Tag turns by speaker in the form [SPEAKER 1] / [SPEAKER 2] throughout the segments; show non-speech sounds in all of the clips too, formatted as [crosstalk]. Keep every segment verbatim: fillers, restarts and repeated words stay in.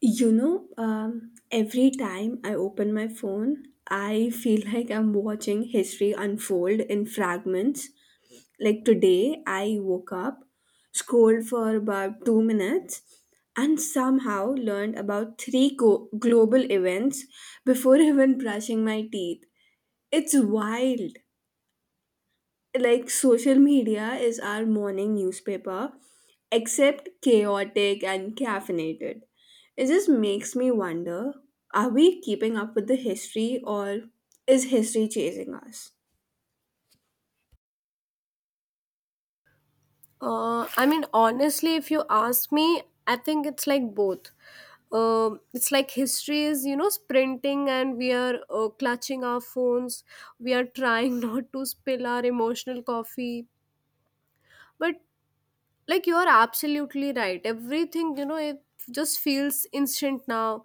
[SPEAKER 1] You know, um, every time I open my phone, I feel [laughs] like I'm watching history unfold in fragments. Like today, I woke up, scrolled for about two minutes, and somehow learned about three go- global events before [laughs] even brushing my teeth. It's wild, like social media is our morning newspaper, except chaotic and caffeinated. It just makes me wonder, are we keeping up with the history, or is history chasing us?
[SPEAKER 2] Uh, I mean, honestly, if you ask me, I think it's like both. Um, it's like history is, you know, sprinting and we are uh, clutching our phones. We are trying [laughs] not to spill our emotional coffee. But, like, you are absolutely right. Everything, you know, it just feels instant now.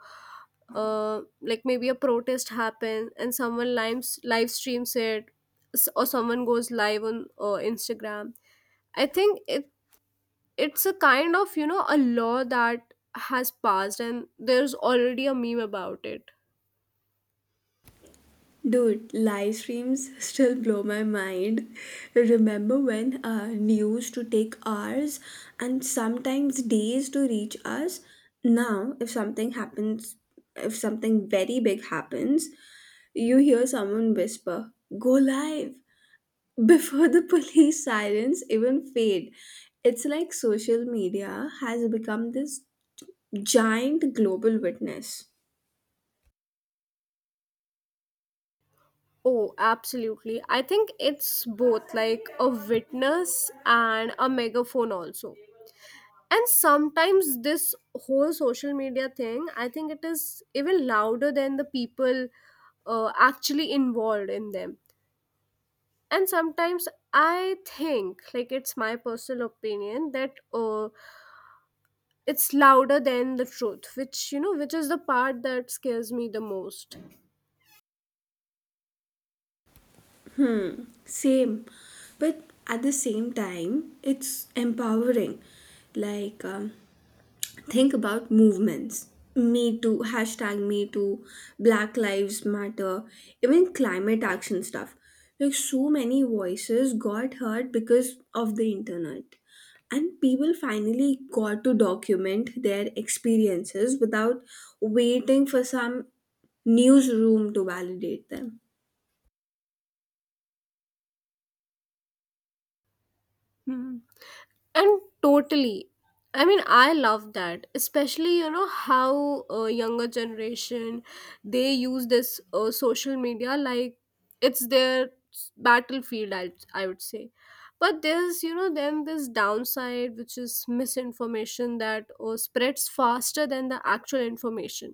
[SPEAKER 2] Uh, like, maybe a protest happens and someone lives, live streams it, s- or someone goes live on uh, Instagram. I think it it's a kind of, you know, a law that has passed and there's already a meme about it.
[SPEAKER 1] Dude, live streams still blow my mind. Remember when uh, news to take hours and sometimes days to reach us? Now, if something happens, if something very big happens, you hear someone whisper, "Go live!" before the [laughs] police sirens even fade. It's like social media has become this giant global witness.
[SPEAKER 2] Oh, absolutely. I think it's both, like a witness and a megaphone also. And sometimes this whole social media thing, I think it is even louder than the people uh, actually involved in them. And sometimes I think, like, it's my personal opinion that uh, it's louder than the truth, which, you know, which is the part that scares me the most.
[SPEAKER 1] Same, but at the same time, it's empowering. Like, um, think about movements. Me too, hashtag me too, Black Lives Matter, even climate action stuff. Like, so many voices got heard because of the internet. And people finally got to document their experiences without waiting for some newsroom to validate them.
[SPEAKER 2] Hmm. And totally, I mean, I love that, especially, you know, how uh, younger generation they use this uh, social media like it's their s- battlefield, I, I would say. But there's, you know, then this downside, which is misinformation that uh, spreads faster than the actual information.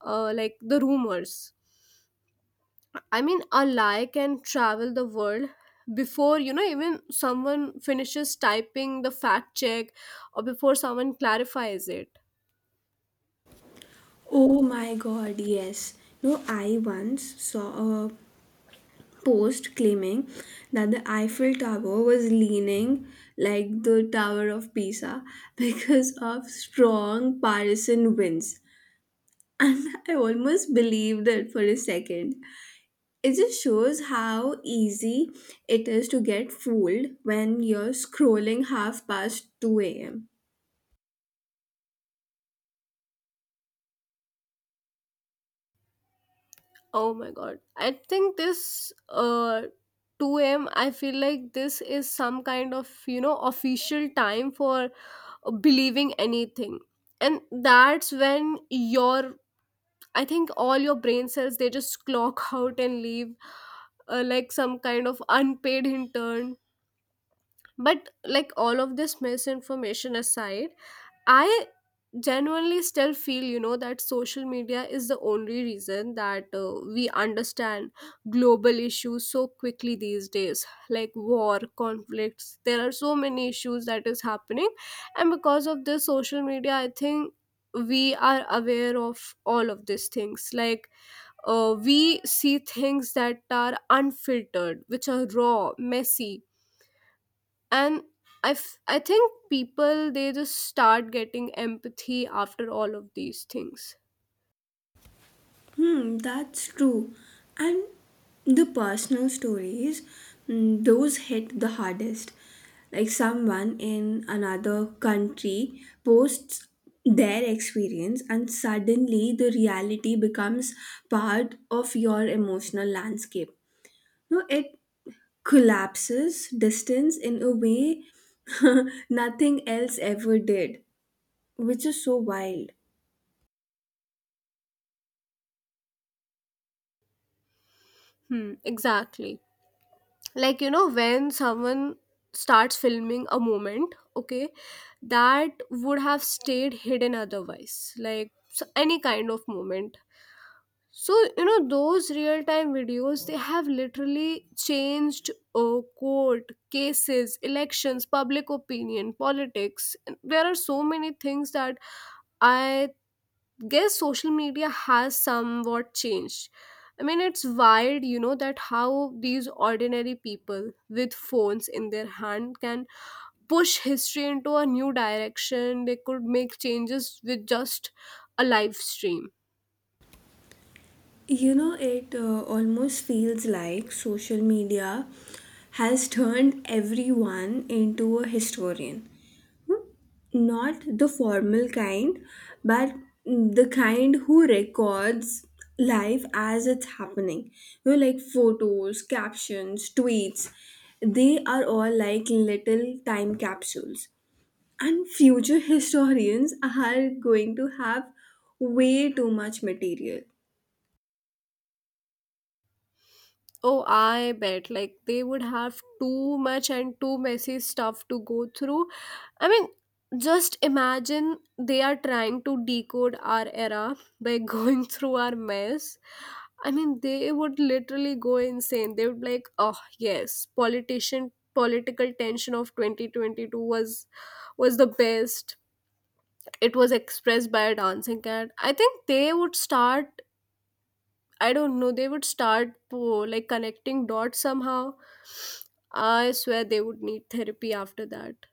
[SPEAKER 2] uh, Like the rumors. I mean, a lie can travel the world before, you know, even someone finishes typing the fact check or before someone clarifies it.
[SPEAKER 1] Oh my god, yes. No, I once saw a post claiming that the Eiffel Tower was leaning like the Tower of Pisa [laughs] because of strong Parisian winds. And I almost believed it for a second. It just shows how easy it is to get fooled when you're scrolling half past two a m.
[SPEAKER 2] Oh my god, I think this uh two a m, I feel like this is some kind of, you know, official time for uh, believing anything. And that's when your I think all your brain cells they just clock out and leave, uh, like some kind of unpaid intern. But like all of this misinformation aside, I genuinely still feel, you know, that social media is the only reason that uh, we understand global issues so quickly these days, like war, conflicts. There are so many issues that is happening, and because of this social media, I think we are aware of all of these things, like, uh, we see things that are unfiltered, which are raw, messy. And I, f- I think people they just start getting empathy after all of these things.
[SPEAKER 1] Hmm, that's true. And the personal stories, mm, those hit the hardest. Like someone in another country posts their experience, and suddenly the reality becomes part of your emotional landscape. No, it collapses distance in a way [laughs] nothing else ever did, which is so wild.
[SPEAKER 2] Hmm, exactly. Like, you know, when someone starts filming a moment, okay, that would have stayed hidden otherwise, like so any kind of moment. So, you know, those real time videos they have literally changed uh, court cases, elections, public opinion, politics. There are so many things that I guess social media has somewhat changed. I mean, it's wild, you know, that how these ordinary people with phones in their hand can push history into a new direction. They could make changes with just a live stream.
[SPEAKER 1] You know, it uh, Almost feels like social media has turned everyone into a historian. Not the formal kind, but the kind who records life as it's happening. You know, like photos, captions, tweets, they are all like little time capsules. And future historians are going to have way too much material.
[SPEAKER 2] Oh, I bet. Like, they would have too much and too messy stuff to go through. I mean, just imagine they are trying to decode our era by [laughs] going through our mess. I mean, they would literally go insane. They would be like, oh, yes, politician political tension of twenty twenty-two was was the best. It was expressed by a dancing cat. I think they would start, I don't know, they would start, oh, like connecting dots somehow. I swear they would need therapy after that.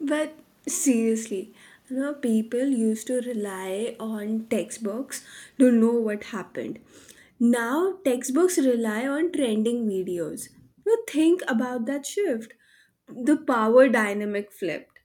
[SPEAKER 1] But seriously, you know, people used to rely on textbooks to know what happened. Now, textbooks rely on trending videos. You know, think about that shift. The power dynamic flipped.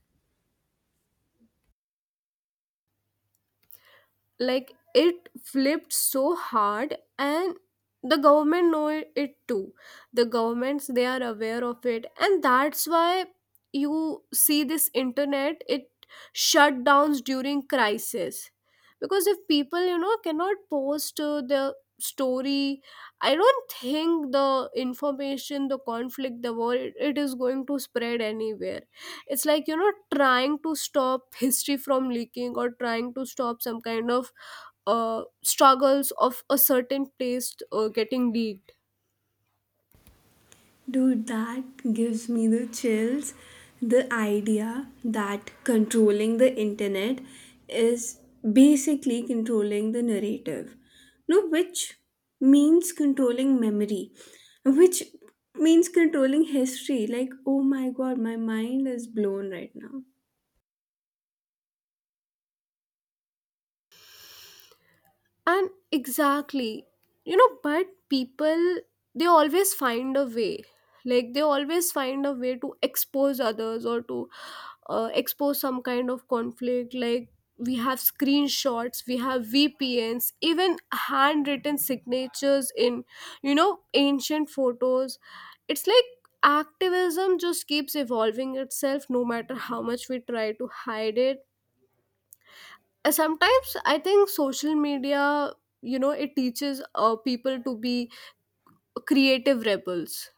[SPEAKER 2] Like it flipped so hard, and the government know it it too. The governments they are aware of it, and that's why you see this internet it shutdowns during crisis. Because if people, you know, cannot post uh, their story, I don't think the information, the conflict, the war, it, it is going to spread anywhere. It's like, you know, trying to stop [laughs] history from leaking or trying to stop some kind of uh, struggles of a certain place uh, getting leaked.
[SPEAKER 1] Dude, that gives me the chills. The idea that controlling the internet is basically controlling the narrative. No, which means controlling memory, which means controlling history. Like, oh my god, my mind is blown right now.
[SPEAKER 2] And exactly, you know, but people they always find a way, like they always find a way to expose others or to uh, expose some kind of conflict. Like we have screenshots, we have vpns, even handwritten signatures in, you know, ancient photos. It's like activism just keeps evolving itself no matter how much we try to hide it. Uh, sometimes I think social media, you know, it teaches uh, people to be creative rebels.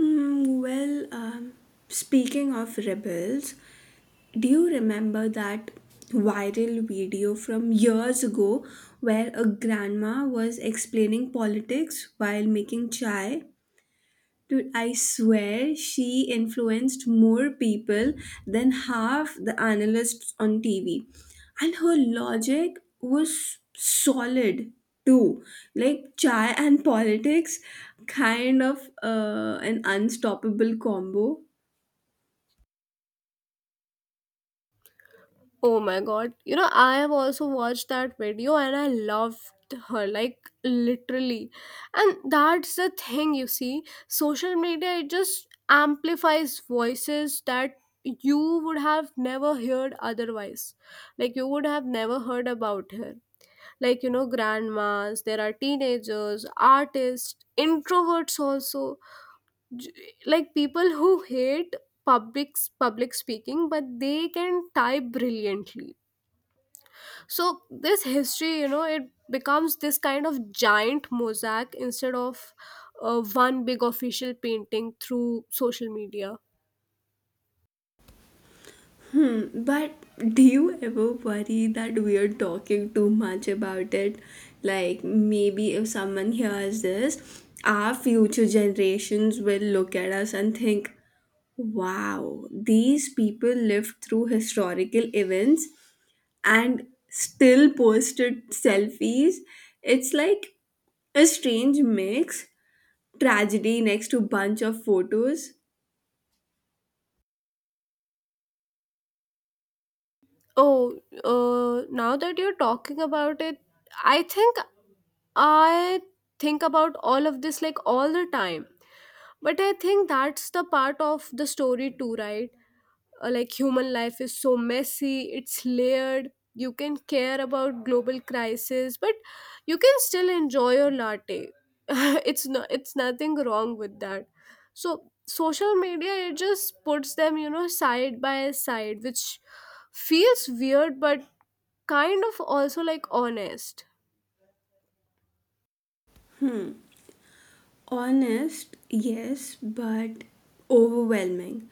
[SPEAKER 1] Mm, well, um, Speaking of rebels, do you remember that viral video from years ago where a grandma was explaining politics while making chai? Dude, I swear she influenced more people than half the analysts on T V. And her logic was solid too. Like chai and politics, kind of uh, an unstoppable combo.
[SPEAKER 2] Oh my god. You know, I have also watched that video and I loved her, like literally. And that's the thing, you see. Social media it just amplifies voices that you would have never heard otherwise. Like you would have never heard about her. Like, you know, grandmas, there are teenagers, artists, introverts also. J- Like people who hate public public speaking but they can type brilliantly. So this history, you know, it becomes this kind of giant mosaic instead of uh, one big official painting through social media.
[SPEAKER 1] But do you ever worry that we are talking too much about it? Like, maybe if someone hears this, our future generations will look at us and think, wow, these people lived through historical events and still posted selfies. It's like a strange mix, tragedy next to bunch of photos.
[SPEAKER 2] Oh, uh, now that you're talking about it, i think i think about all of this like all the time. But I think that's the part of the story too, right? Uh, like, human life is so messy, it's layered. You can care about global crisis but you can still enjoy your latte [laughs] it's not It's nothing wrong with that. So social media it just puts them, you know, side by side, which feels weird but kind of also like honest.
[SPEAKER 1] Honest, yes, but overwhelming.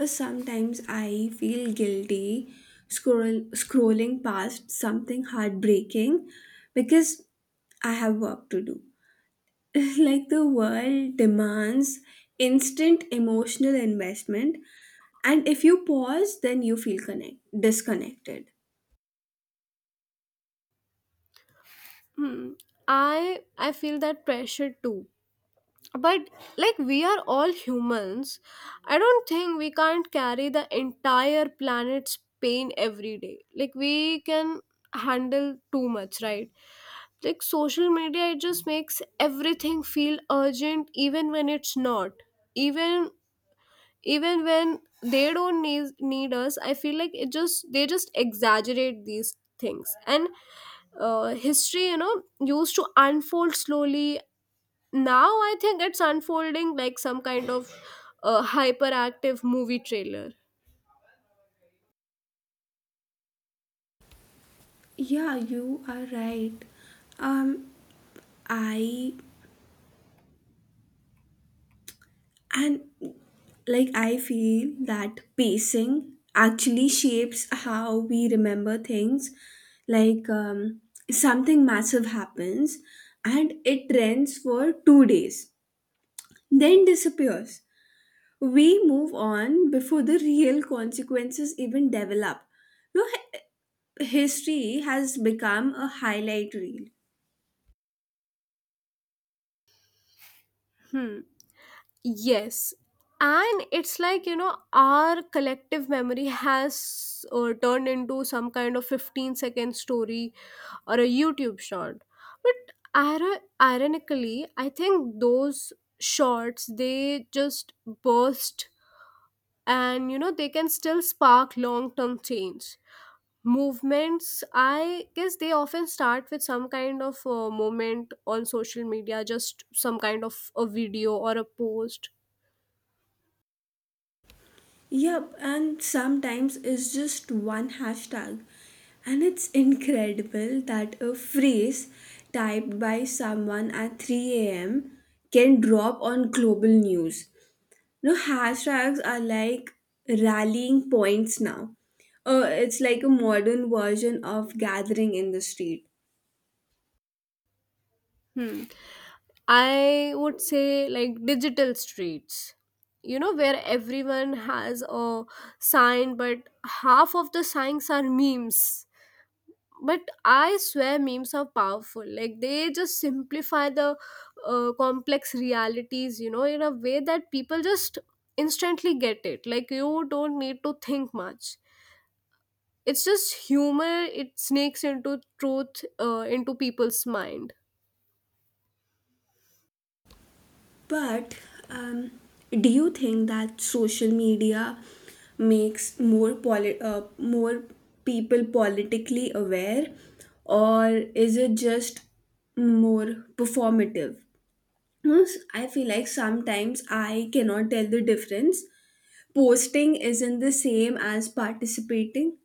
[SPEAKER 1] Uh, Sometimes I feel guilty scroll, scrolling past something heartbreaking because I have work to do. [laughs] Like the world demands instant emotional investment, and if you pause, then you feel connect disconnected.
[SPEAKER 2] Hmm. i i feel that pressure too. But like we are all humans, I don't think we can't carry the entire planet's pain every day, like we can handle too much, right? Like social media it just makes everything feel urgent even when it's not. Even even when they don't need need us, I feel like it just, they just exaggerate these things. And uh, history, you know, used to unfold slowly. Now I think it's unfolding like some kind of uh, hyperactive movie trailer.
[SPEAKER 1] Yeah, you are right. Um, I and Like I feel that pacing actually shapes how we remember things. like um, Something massive happens and it trends for two days, then disappears. We move on before the real consequences even develop. No hi- History has become a highlight reel.
[SPEAKER 2] Hmm. Yes, and it's like, you know, our collective memory has uh, turned into some kind of fifteen second story or a youtube short. But ir- ironically I think those shorts they just burst, and you know they can still spark long term change. Movements, I guess they often start with some kind of uh, moment on social media, just some kind of a video or a post.
[SPEAKER 1] Yep, and sometimes it's just one hashtag. And it's incredible that a phrase typed by someone at three a m can drop on global news. You know, hashtags are like rallying points now. Uh, it's like a modern version of gathering in the street.
[SPEAKER 2] Hmm. I would say, like, digital streets, you know, where everyone has a sign but half of the signs are memes. But I swear memes are powerful, like they just simplify the uh, complex realities, you know, in a way that people just instantly get it, like you don't need to think much. It's just humor, it sneaks into truth uh, into people's mind.
[SPEAKER 1] But um, do you think that social media makes more poli- uh, more people politically aware, or is it just more performative? No, s- I feel like sometimes I cannot tell the difference. Posting isn't the same as participating.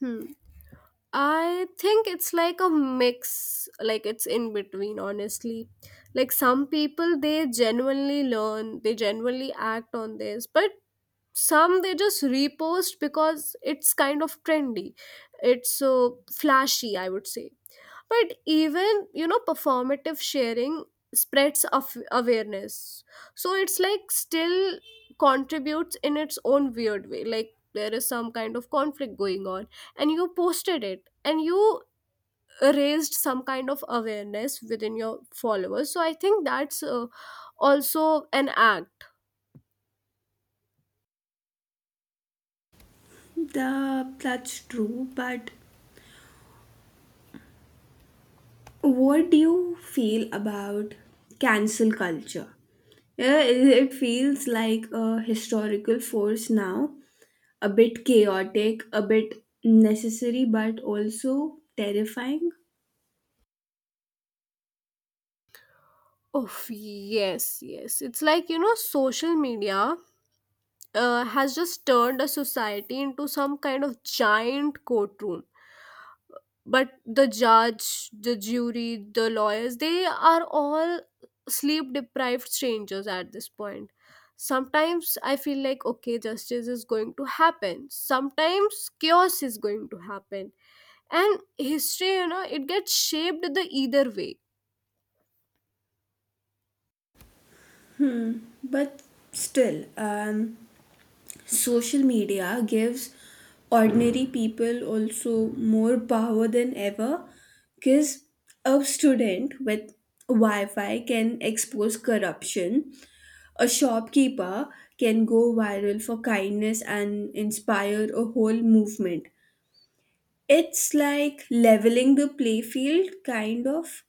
[SPEAKER 2] Hmm. I think it's like a mix, like it's in between, honestly. Like some people, they genuinely learn, they genuinely act on this, but some they just repost because it's kind of trendy. It's so flashy, I would say. But even, you know, performative sharing spreads of awareness, so it's like still contributes in its own weird way. Like there is some kind of conflict going on, and you posted it and you raised some kind of awareness within your followers, so I think that's uh, also an act.
[SPEAKER 1] The, that's true, but what do you feel about cancel culture? Yeah, it it feels like a historical force now, a bit chaotic, a bit necessary, but also terrifying.
[SPEAKER 2] Oh, yes, yes, it's like, you know, social media uh, has just turned a society into some kind of giant courtroom. But the judge, the jury, the lawyers, they are all sleep deprived strangers at this point. Sometimes I feel like, okay, justice is going to happen, sometimes chaos is going to happen. And history, you know, it gets shaped the either way.
[SPEAKER 1] But still, um, social media gives ordinary people also more power than ever, because a student with Wi Fi can expose corruption. A shopkeeper can go viral for kindness and inspire a whole movement. It's like leveling the playfield, kind of.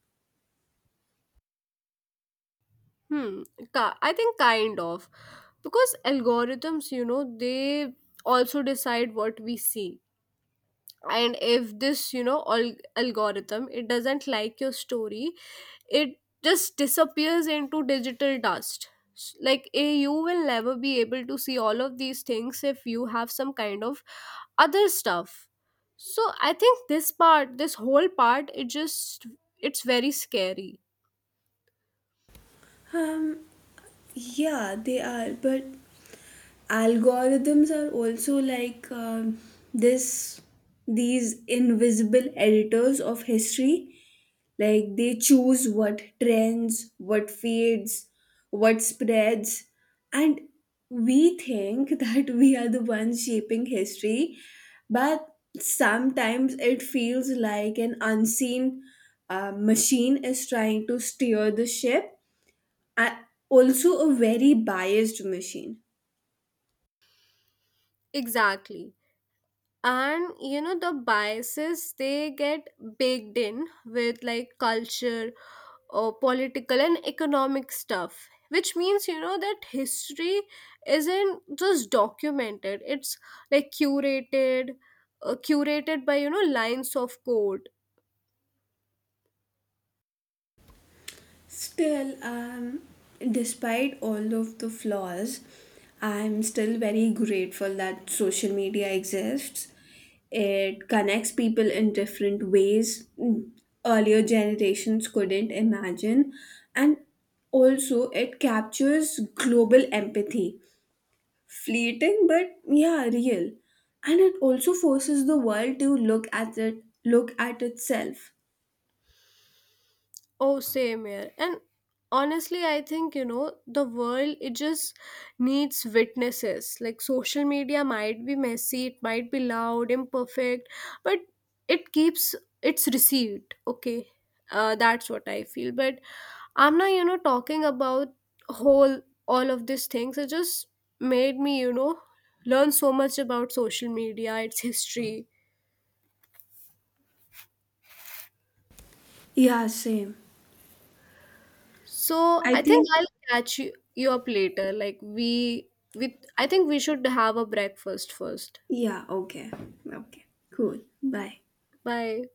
[SPEAKER 2] Hmm. ki- I think kind of, because algorithms, you know, they also decide what we see. And if this, you know, al- algorithm it doesn't like your story, it just disappears into digital dust. S- like, eh, you will never be able to see all of these things if you have some kind of other stuff. So I think this part this whole part, it just it's very scary.
[SPEAKER 1] Um, Yeah, they are, but algorithms are also like um, this these invisible editors of history. Like they choose what trends, what fades, what spreads. And we think [laughs] that we are the ones shaping history, but sometimes it feels like an unseen uh, machine is trying to steer the ship. I, also a very biased machine.
[SPEAKER 2] Exactly, and you know the biases they get baked in with, like, culture, uh, political and economic stuff, which means, you know, that history isn't just documented, it's like curated uh, curated by, you know, lines of code.
[SPEAKER 1] Still, um, despite all of the flaws, I'm still very grateful that social media exists. It connects people in different ways mm, earlier generations couldn't imagine. And also, it captures global empathy. Fleeting, but yeah, real. And it also forces the world to look at it, look at itself.
[SPEAKER 2] Oh, same here. And honestly, I think, you know, the world, it just needs witnesses. Like, social media might be messy, it might be loud, imperfect, but it keeps it's received. Okay. Uh, that's what I feel. But I'm not, you know, talking about whole all of these things. It just made me, you know, learn so much about social media, its history.
[SPEAKER 1] Yeah, same.
[SPEAKER 2] So
[SPEAKER 1] I
[SPEAKER 2] I think
[SPEAKER 1] think,
[SPEAKER 2] I'll catch you, you up later. Like we, we, I think we should have a breakfast first.
[SPEAKER 1] yeah, okay. Okay, cool. Bye.
[SPEAKER 2] Bye.